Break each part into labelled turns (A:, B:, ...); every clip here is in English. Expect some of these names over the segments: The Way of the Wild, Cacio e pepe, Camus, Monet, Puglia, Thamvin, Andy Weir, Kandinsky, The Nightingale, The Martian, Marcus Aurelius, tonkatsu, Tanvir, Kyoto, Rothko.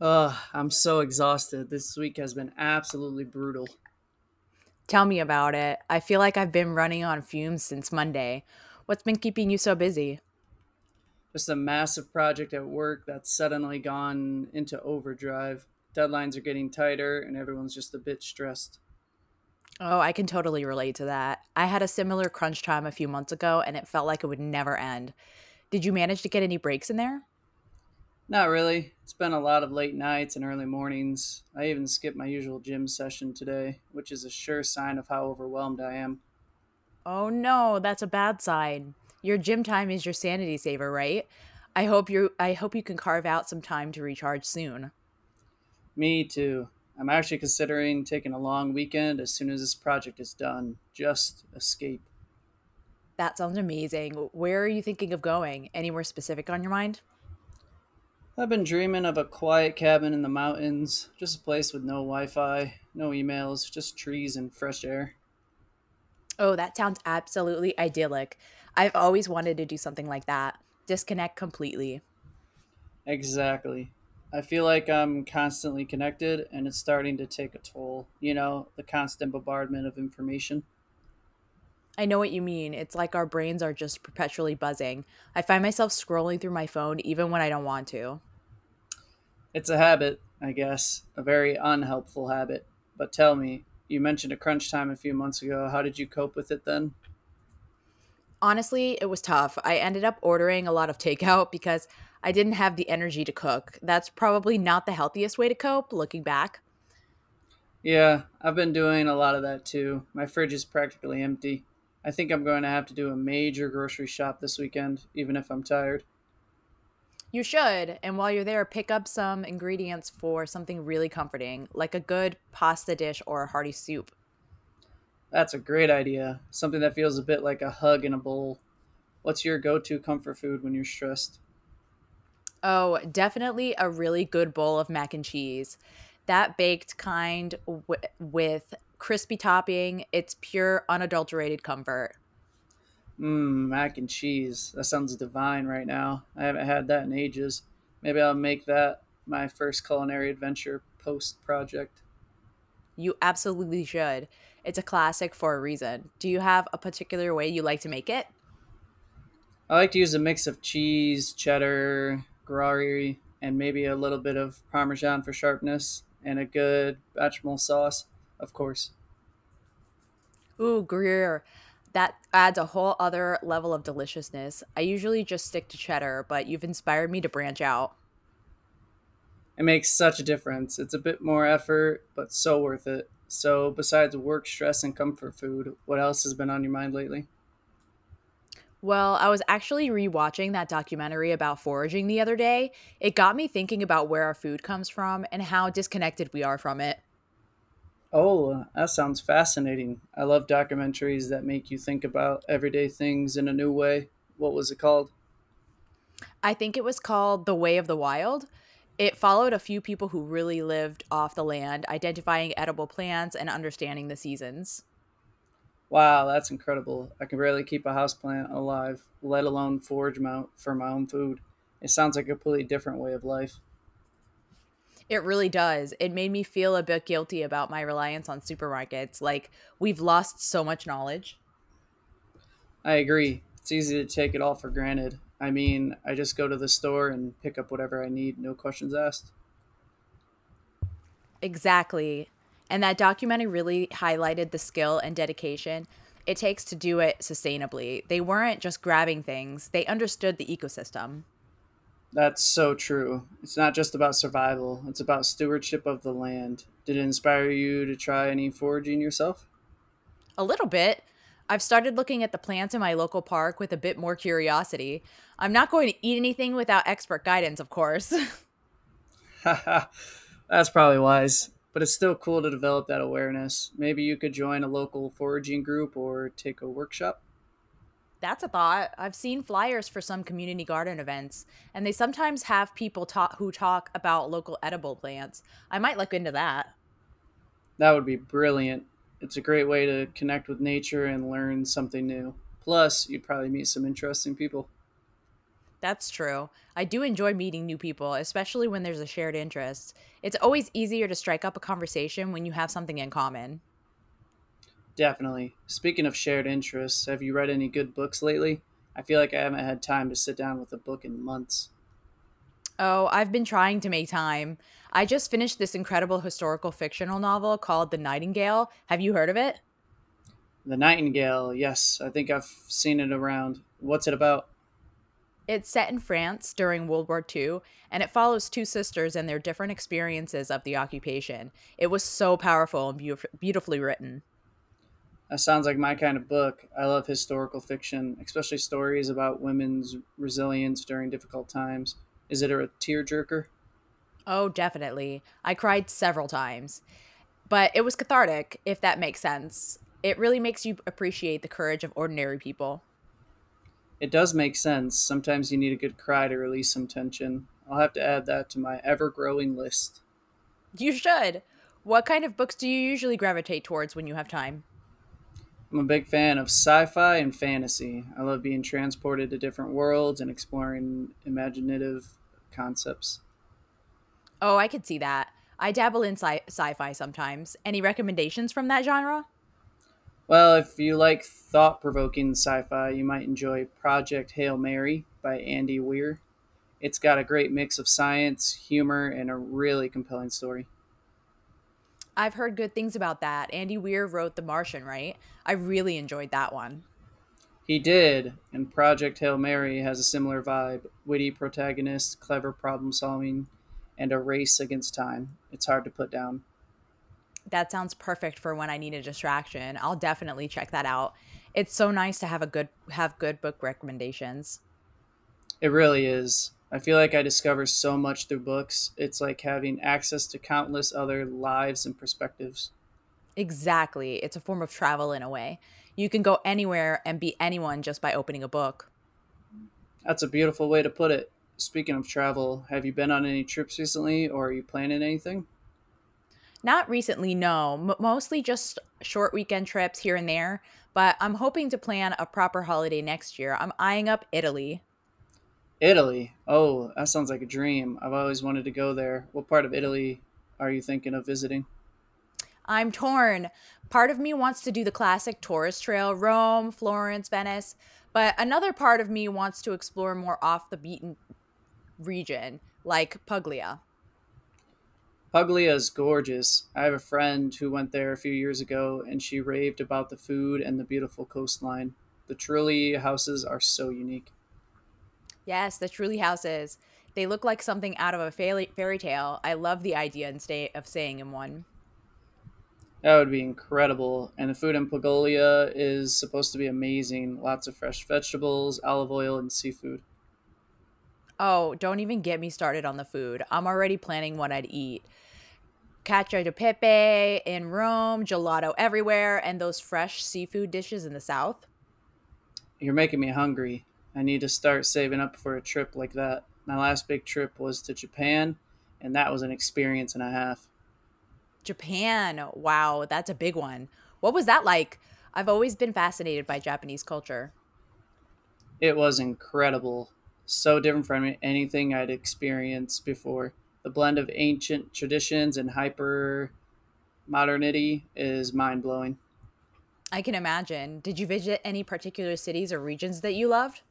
A: Ugh, I'm so exhausted. This week has been absolutely brutal.
B: Tell me about it. I feel like I've been running on fumes since Monday. What's been keeping you so busy?
A: Just a massive project at work that's suddenly gone into overdrive. Deadlines are getting tighter, and everyone's just a bit stressed.
B: Oh, I can totally relate to that. I had a similar crunch time a few months ago and it felt like it would never end. Did you manage to get any breaks in there?
A: Not really. It's been a lot of late nights and early mornings. I even skipped my usual gym session today, which is a sure sign of how overwhelmed I am.
B: Oh no, that's a bad sign. Your gym time is your sanity saver, right? I hope you can carve out some time to recharge soon.
A: Me too. I'm actually considering taking a long weekend as soon as this project is done. Just escape.
B: That sounds amazing. Where are you thinking of going? Anywhere specific on your mind?
A: I've been dreaming of a quiet cabin in the mountains, just a place with no Wi Fi, no emails, just trees and fresh air.
B: Oh, that sounds absolutely idyllic. I've always wanted to do something like that. Disconnect completely.
A: Exactly. I feel like I'm constantly connected and it's starting to take a toll. You know, the constant bombardment of information.
B: I know what you mean. It's like our brains are just perpetually buzzing. I find myself scrolling through my phone even when I don't want to.
A: It's a habit, I guess, a very unhelpful habit. But tell me, you mentioned a crunch time a few months ago. How did you cope with it then?
B: Honestly, it was tough. I ended up ordering a lot of takeout because I didn't have the energy to cook. That's probably not the healthiest way to cope, looking back.
A: Yeah, I've been doing a lot of that too. My fridge is practically empty. I think I'm going to have to do a major grocery shop this weekend, even if I'm tired.
B: You should, and while you're there, pick up some ingredients for something really comforting, like a good pasta dish or a hearty soup.
A: That's a great idea. Something that feels a bit like a hug in a bowl. What's your go to comfort food when you're stressed?
B: Oh, definitely a really good bowl of mac and cheese. That baked kind with crispy topping, it's pure unadulterated comfort.
A: Mmm, mac and cheese. That sounds divine right now. I haven't had that in ages. Maybe I'll make that my first culinary adventure post project.
B: You absolutely should. It's a classic for a reason. Do you have a particular way you like to make it?
A: I like to use a mix of cheese, cheddar, Gruyere, and maybe a little bit of Parmesan for sharpness, and a good bechamel sauce, of course.
B: Ooh, Greer. That adds a whole other level of deliciousness. I usually just stick to cheddar, but you've inspired me to branch out.
A: It makes such a difference. It's a bit more effort, but so worth it. So, besides work, stress, and comfort food, what else has been on your mind lately?
B: Well, I was actually rewatching that documentary about foraging the other day. It got me thinking about where our food comes from and how disconnected we are from it.
A: Oh, that sounds fascinating. I love documentaries that make you think about everyday things in a new way. What was it called?
B: I think it was called The Way of the Wild. It followed a few people who really lived off the land, identifying edible plants and understanding the seasons.
A: Wow, that's incredible. I can barely keep a houseplant alive, let alone forage for my own food. It sounds like a completely different way of life.
B: It really does. It made me feel a bit guilty about my reliance on supermarkets. Like, we've lost so much knowledge.
A: I agree. It's easy to take it all for granted. I mean, I just go to the store and pick up whatever I need, no questions asked.
B: Exactly. And that documentary really highlighted the skill and dedication it takes to do it sustainably. They weren't just grabbing things, they understood the ecosystem.
A: That's so true. It's not just about survival, it's about stewardship of the land. Did it inspire you to try any foraging yourself?
B: A little bit. I've started looking at the plants in my local park with a bit more curiosity. I'm not going to eat anything without expert guidance, of course.
A: That's probably wise, but it's still cool to develop that awareness. Maybe you could join a local foraging group or take a workshop.
B: That's a thought. I've seen flyers for some community garden events, and they sometimes have people talk who talk about local edible plants. I might look into that.
A: That would be brilliant. It's a great way to connect with nature and learn something new. Plus, you'd probably meet some interesting people.
B: That's true. I do enjoy meeting new people, especially when there's a shared interest. It's always easier to strike up a conversation when you have something in common.
A: Definitely. Speaking of shared interests, have you read any good books lately? I feel like I haven't had time to sit down with a book in months.
B: Oh, I've been trying to make time. I just finished this incredible historical fictional novel called The Nightingale. Have you heard of it?
A: The Nightingale, yes, I think I've seen it around. What's it about?
B: It's set in France during World War II, and it follows two sisters and their different experiences of the occupation. It was so powerful and beautifully written.
A: That sounds like my kind of book. I love historical fiction, especially stories about women's resilience during difficult times. Is it a tearjerker?
B: Oh, definitely. I cried several times, but it was cathartic, if that makes sense. It really makes you appreciate the courage of ordinary people.
A: It does make sense. Sometimes you need a good cry to release some tension. I'll have to add that to my ever growing list.
B: You should. What kind of books do you usually gravitate towards when you have time?
A: I'm a big fan of sci-fi and fantasy. I love being transported to different worlds and exploring imaginative concepts.
B: Oh, I could see that. I dabble in sci-fi sometimes. Any recommendations from that genre?
A: Well, if you like thought-provoking sci-fi, you might enjoy Project Hail Mary by Andy Weir. It's got a great mix of science, humor, and a really compelling story.
B: I've heard good things about that. Andy Weir wrote The Martian, right? I really enjoyed that one.
A: He did, and Project Hail Mary has a similar vibe witty protagonists, clever problem solving, and a race against time. It's hard to put down.
B: That sounds perfect for when I need a distraction. I'll definitely check that out. It's so nice to have good book recommendations.
A: It really is. I feel like I discover so much through books. It's like having access to countless other lives and perspectives.
B: Exactly. It's a form of travel in a way. You can go anywhere and be anyone just by opening a book.
A: That's a beautiful way to put it. Speaking of travel, have you been on any trips recently or are you planning anything?
B: Not recently, no. Mostly just short weekend trips here and there, but I'm hoping to plan a proper holiday next year. I'm eyeing up Italy.
A: Italy. Oh, that sounds like a dream. I've always wanted to go there. What part of Italy are you thinking of visiting?
B: I'm torn. Part of me wants to do the classic tourist trail Rome, Florence, Venice, but another part of me wants to explore more off the beaten region, like Puglia.
A: Puglia is gorgeous. I have a friend who went there a few years ago and she raved about the food and the beautiful coastline. The trulli houses are so unique.
B: Yes, the truly houses. They look like something out of a fairy tale. I love the idea and stay of staying in one.
A: That would be incredible. And the food in Paglia is supposed to be amazing. Lots of fresh vegetables, olive oil, and seafood.
B: Oh, don't even get me started on the food. I'm already planning what I'd eat. Cacio e pepe in Rome, gelato everywhere, and those fresh seafood dishes in the south.
A: You're making me hungry. I need to start saving up for a trip like that. My last big trip was to Japan, and that was an experience and a half.
B: Japan. Wow, that's a big one. What was that like? I've always been fascinated by Japanese culture.
A: It was incredible. So different from anything I'd experienced before. The blend of ancient traditions and hyper modernity is mind blowing.
B: I can imagine. Did you visit any particular cities or regions that you loved?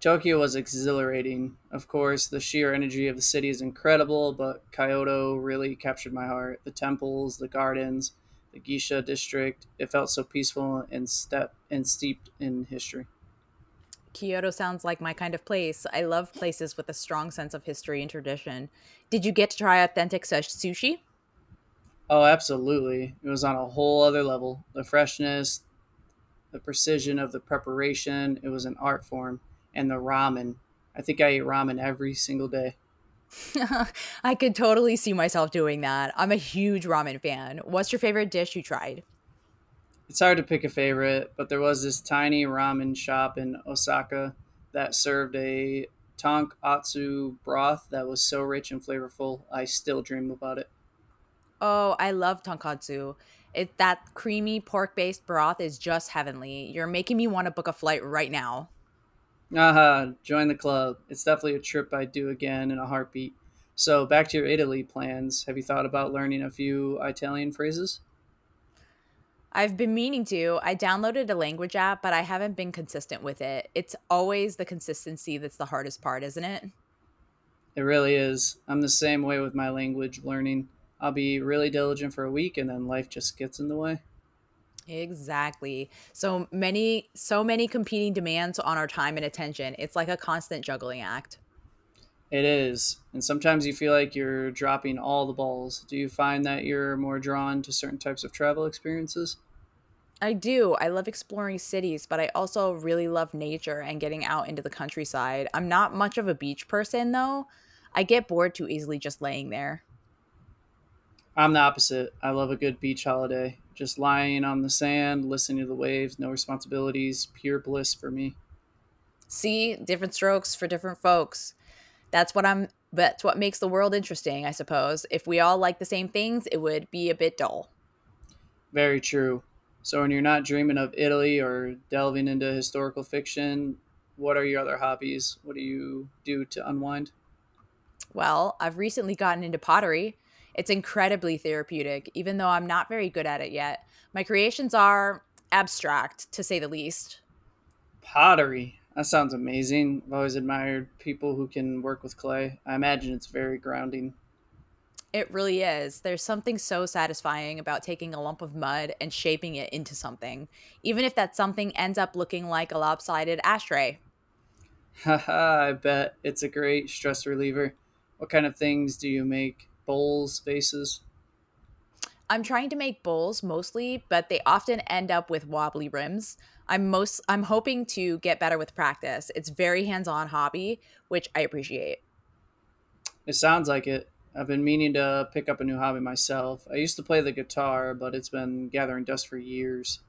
A: Tokyo was exhilarating. Of course, the sheer energy of the city is incredible, but Kyoto really captured my heart. The temples, the gardens, the geisha district, it felt so peaceful and step and steeped in history.
B: Kyoto sounds like my kind of place. I love places with a strong sense of history and tradition. Did you get to try authentic sushi?
A: Oh, absolutely. It was on a whole other level. The freshness, the precision of the preparation, it was an art form, and the ramen. I think I ate ramen every single day.
B: I could totally see myself doing that. I'm a huge ramen fan. What's your favorite dish you tried?
A: It's hard to pick a favorite, but there was this tiny ramen shop in Osaka that served a tonkatsu broth that was so rich and flavorful, I still dream about it.
B: Oh, I love tonkatsu. It that creamy pork-based broth is just heavenly. You're making me want to book a flight right now.
A: Aha, join the club. It's definitely a trip I'd do again in a heartbeat. So, back to your Italy plans. Have you thought about learning a few Italian phrases?
B: I've been meaning to. I downloaded a language app, but I haven't been consistent with it. It's always the consistency that's the hardest part, isn't it?
A: It really is. I'm the same way with my language learning. I'll be really diligent for a week and then life just gets in the way.
B: Exactly. So many competing demands on our time and attention. It's like a constant juggling act.
A: It is. And sometimes you feel like you're dropping all the balls. Do you find that you're more drawn to certain types of travel experiences?
B: I do. I love exploring cities, but I also really love nature and getting out into the countryside. I'm not much of a beach person though. I get bored too easily just laying there.
A: I'm the opposite. I love a good beach holiday. Just lying on the sand, listening to the waves, no responsibilities, pure bliss for me.
B: See, different strokes for different folks. That's what I'm that's what makes the world interesting, I suppose. If we all like the same things, it would be a bit dull.
A: Very true. So, when you're not dreaming of Italy or delving into historical fiction, what are your other hobbies? What do you do to unwind?
B: Well, I've recently gotten into pottery. It's incredibly therapeutic, even though I'm not very good at it yet. My creations are abstract, to say the least.
A: Pottery. That sounds amazing. I've always admired people who can work with clay. I imagine it's very grounding.
B: It really is. There's something so satisfying about taking a lump of mud and shaping it into something, even if that something ends up looking like a lopsided ashtray.
A: Haha, I bet. It's a great stress reliever. What kind of things do you make? Bowls, vases?
B: I'm trying to make bowls mostly, but they often end up with wobbly rims. I'm hoping to get better with practice. It's very hands-on hobby, which I appreciate.
A: It sounds like it. I've been meaning to pick up a new hobby myself. I used to play the guitar, but it's been gathering dust for years.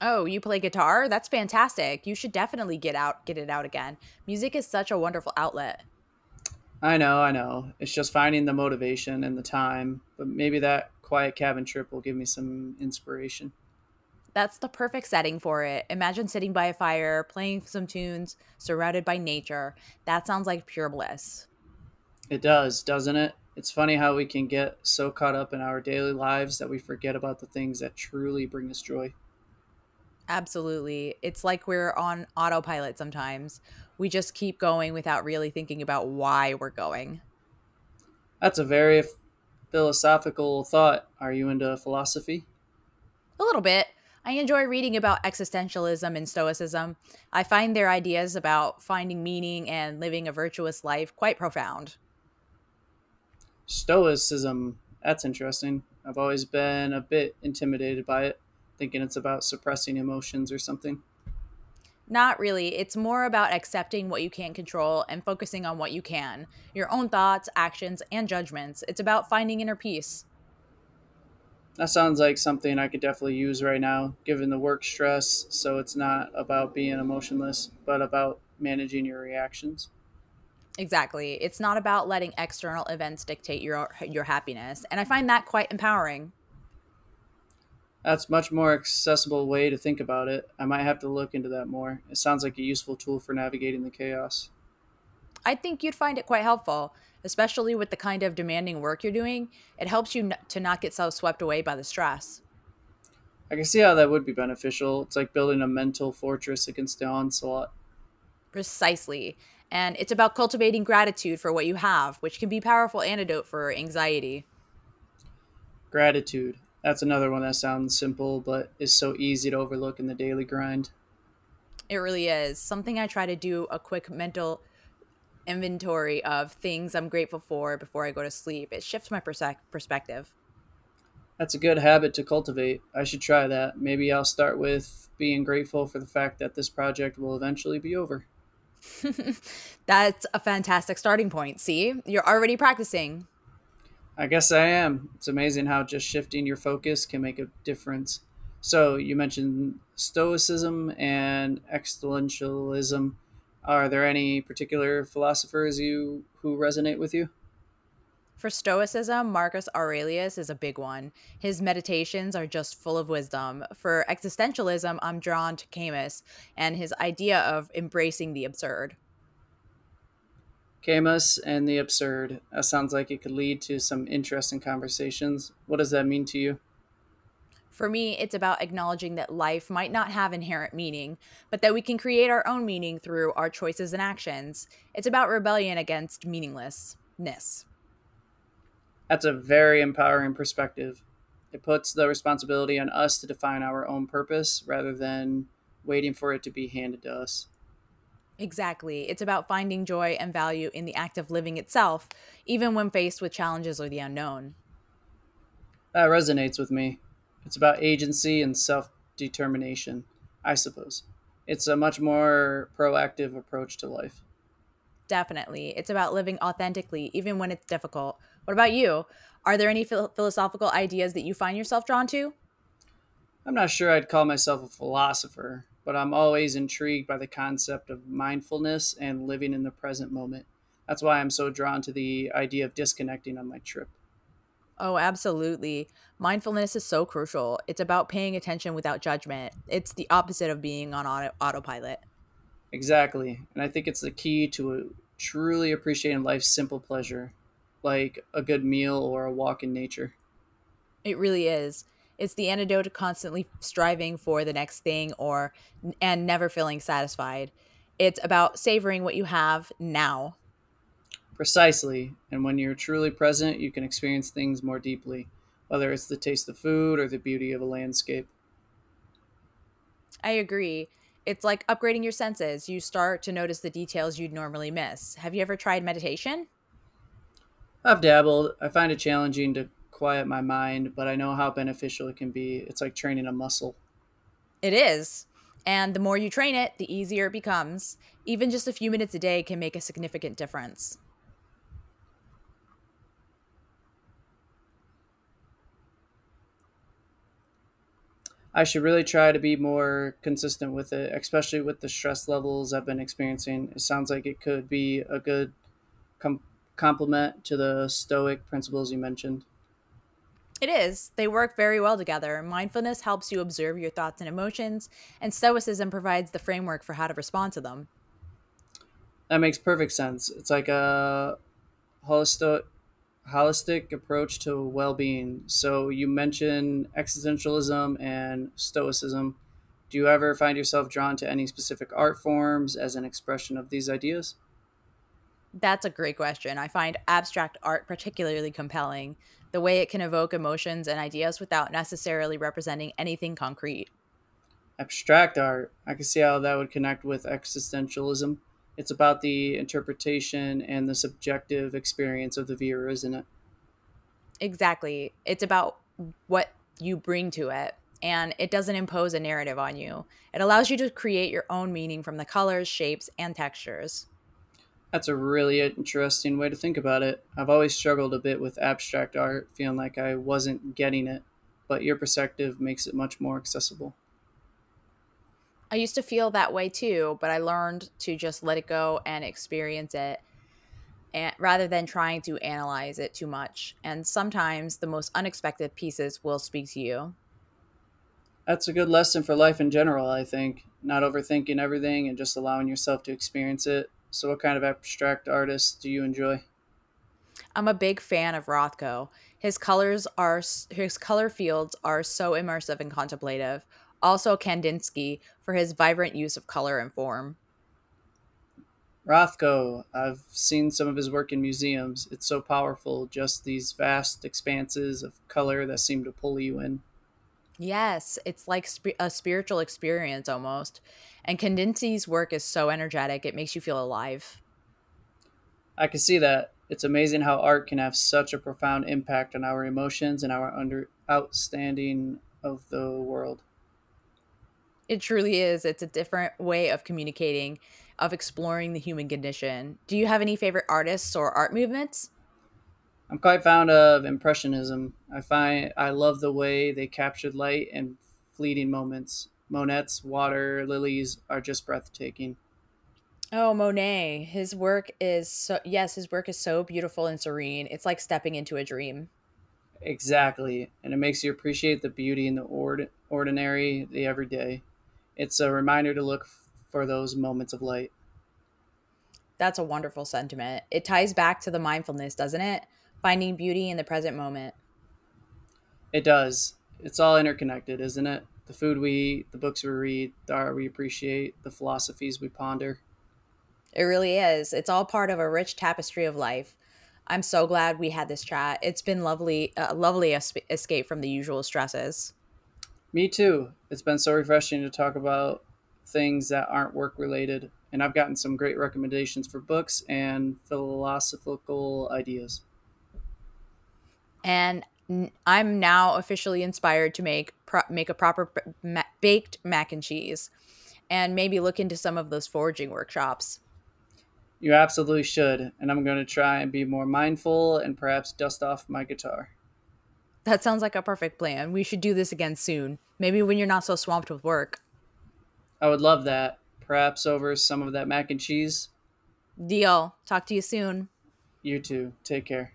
B: Oh, you play guitar? That's fantastic. You should definitely get out, Get it out again. Music is such a wonderful outlet.
A: I know, I know. It's just finding the motivation and the time, but maybe that quiet cabin trip will give me some inspiration.
B: That's the perfect setting for it. Imagine sitting by a fire, playing some tunes, surrounded by nature. That sounds like pure bliss.
A: It does, doesn't it? It's funny how we can get so caught up in our daily lives that we forget about the things that truly bring us joy.
B: Absolutely. It's like we're on autopilot sometimes. We just keep going without really thinking about why we're going.
A: That's a very philosophical thought. Are you into philosophy?
B: A little bit. I enjoy reading about existentialism and stoicism. I find their ideas about finding meaning and living a virtuous life quite profound.
A: Stoicism. That's interesting. I've always been a bit intimidated by it, thinking it's about suppressing emotions or something.
B: Not really, it's more about accepting what you can't control and focusing on what you can, your own thoughts, actions, and judgments. It's about finding inner peace.
A: That sounds like something I could definitely use right now, given the work stress. So it's not about being emotionless, but about managing your reactions.
B: Exactly. It's not about letting external events dictate your happiness, and I find that quite empowering.
A: That's much more accessible way to think about it. I might have to look into that more. It sounds like a useful tool for navigating the chaos.
B: I think you'd find it quite helpful, especially with the kind of demanding work you're doing. It helps you to not get so swept away by the stress.
A: I can see how that would be beneficial. It's like building a mental fortress against the onslaught.
B: Precisely. And it's about cultivating gratitude for what you have, which can be a powerful antidote for anxiety.
A: Gratitude. That's another one that sounds simple, but is so easy to overlook in the daily grind.
B: It really is. Something I try to do a quick mental inventory of things I'm grateful for before I go to sleep. It shifts my perspective.
A: That's a good habit to cultivate. I should try that. Maybe I'll start with being grateful for the fact that this project will eventually be over.
B: That's a fantastic starting point. See, you're already practicing.
A: I guess I am. It's amazing how just shifting your focus can make a difference. So you mentioned Stoicism and existentialism. Are there any particular philosophers you who resonate with you?
B: For Stoicism, Marcus Aurelius is a big one. His meditations are just full of wisdom. For existentialism, I'm drawn to Camus and his idea of embracing the absurd.
A: Camus and the absurd. That sounds like it could lead to some interesting conversations. What does that mean to you?
B: For me, it's about acknowledging that life might not have inherent meaning, but that we can create our own meaning through our choices and actions. It's about rebellion against meaninglessness.
A: That's a very empowering perspective. It puts the responsibility on us to define our own purpose rather than waiting for it to be handed to us.
B: Exactly. It's about finding joy and value in the act of living itself, even when faced with challenges or the unknown.
A: That resonates with me. It's about agency and self determination, I suppose. It's a much more proactive approach to life.
B: Definitely. It's about living authentically, even when it's difficult. What about you? Are there any philosophical ideas that you find yourself drawn to?
A: I'm not sure I'd call myself a philosopher, but I'm always intrigued by the concept of mindfulness and living in the present moment. That's why I'm so drawn to the idea of disconnecting on my trip.
B: Oh, absolutely. Mindfulness is so crucial. It's about paying attention without judgment. It's the opposite of being on autopilot.
A: Exactly. And I think it's the key to truly appreciating life's simple pleasure, like a good meal or a walk in nature.
B: It really is. It's the antidote to constantly striving for the next thing or and never feeling satisfied. It's about savoring what you have now.
A: Precisely. And when you're truly present, you can experience things more deeply, whether it's the taste of food or the beauty of a landscape.
B: I agree. It's like upgrading your senses. You start to notice the details you'd normally miss. Have you ever tried meditation?
A: I've dabbled. I find it challenging to quiet my mind, but I know how beneficial it can be. It's like training a muscle.
B: It is. And the more you train it, the easier it becomes. Even just a few minutes a day can make a significant difference.
A: I should really try to be more consistent with it, especially with the stress levels I've been experiencing. It sounds like it could be a good com- complement to the Stoic principles you mentioned.
B: It is. They work very well together. Mindfulness helps you observe your thoughts and emotions, and Stoicism provides the framework for how to respond to them.
A: That makes perfect sense. It's like a holisto- holistic approach to well-being. So you mentioned existentialism and stoicism. Do you ever find yourself drawn to any specific art forms as an expression of these ideas?
B: That's a great question. I find abstract art particularly compelling, the way it can evoke emotions and ideas without necessarily representing anything concrete.
A: Abstract art. I can see how that would connect with existentialism. It's about the interpretation and the subjective experience of the viewer, isn't it?
B: Exactly. It's about what you bring to it, and it doesn't impose a narrative on you. It allows you to create your own meaning from the colors, shapes, and textures.
A: That's a really interesting way to think about it. I've always struggled a bit with abstract art, feeling like I wasn't getting it, but your perspective makes it much more accessible.
B: I used to feel that way too, but I learned to just let it go and experience it and rather than trying to analyze it too much. And sometimes the most unexpected pieces will speak to you.
A: That's a good lesson for life in general, I think. Not overthinking everything and just allowing yourself to experience it. So, what kind of abstract artists do you enjoy?
B: I'm a big fan of Rothko. His colors are his color fields are so immersive and contemplative. Also Kandinsky for his vibrant use of color and form.
A: Rothko, I've seen some of his work in museums. It's so powerful, just these vast expanses of color that seem to pull you in.
B: Yes, it's like a spiritual experience almost. And Kandinsky's work is so energetic, it makes you feel alive.
A: I can see that. It's amazing how art can have such a profound impact on our emotions and our under outstanding of the world.
B: It truly is. It's a different way of communicating, of exploring the human condition. Do you have any favorite artists or art movements?
A: I'm quite fond of impressionism. I find I love the way they captured light and fleeting moments. Monets, water lilies are just breathtaking.
B: Oh, Monet. His work is so Yes, his work is so beautiful and serene. It's like stepping into a dream.
A: Exactly, and it makes you appreciate the beauty in the ordinary, the everyday. It's a reminder to look for those moments of light.
B: That's a wonderful sentiment. It ties back to the mindfulness, doesn't it? Finding beauty in the present moment.
A: It does. It's all interconnected, isn't it? The food we eat, the books we read, the art we appreciate, the philosophies we ponder.
B: It really is. It's all part of a rich tapestry of life. I'm so glad we had this chat. It's been lovely, a lovely escape from the usual stresses.
A: Me too. It's been so refreshing to talk about things that aren't work related. And I've gotten some great recommendations for books and philosophical ideas.
B: I'm now officially inspired to make a proper baked mac and cheese and maybe look into some of those foraging workshops.
A: You absolutely should. And I'm going to try and be more mindful and perhaps dust off my guitar.
B: That sounds like a perfect plan. We should do this again soon. Maybe when you're not so swamped with work.
A: I would love that. Perhaps over some of that mac and cheese.
B: Deal. Talk to you soon.
A: You too. Take care.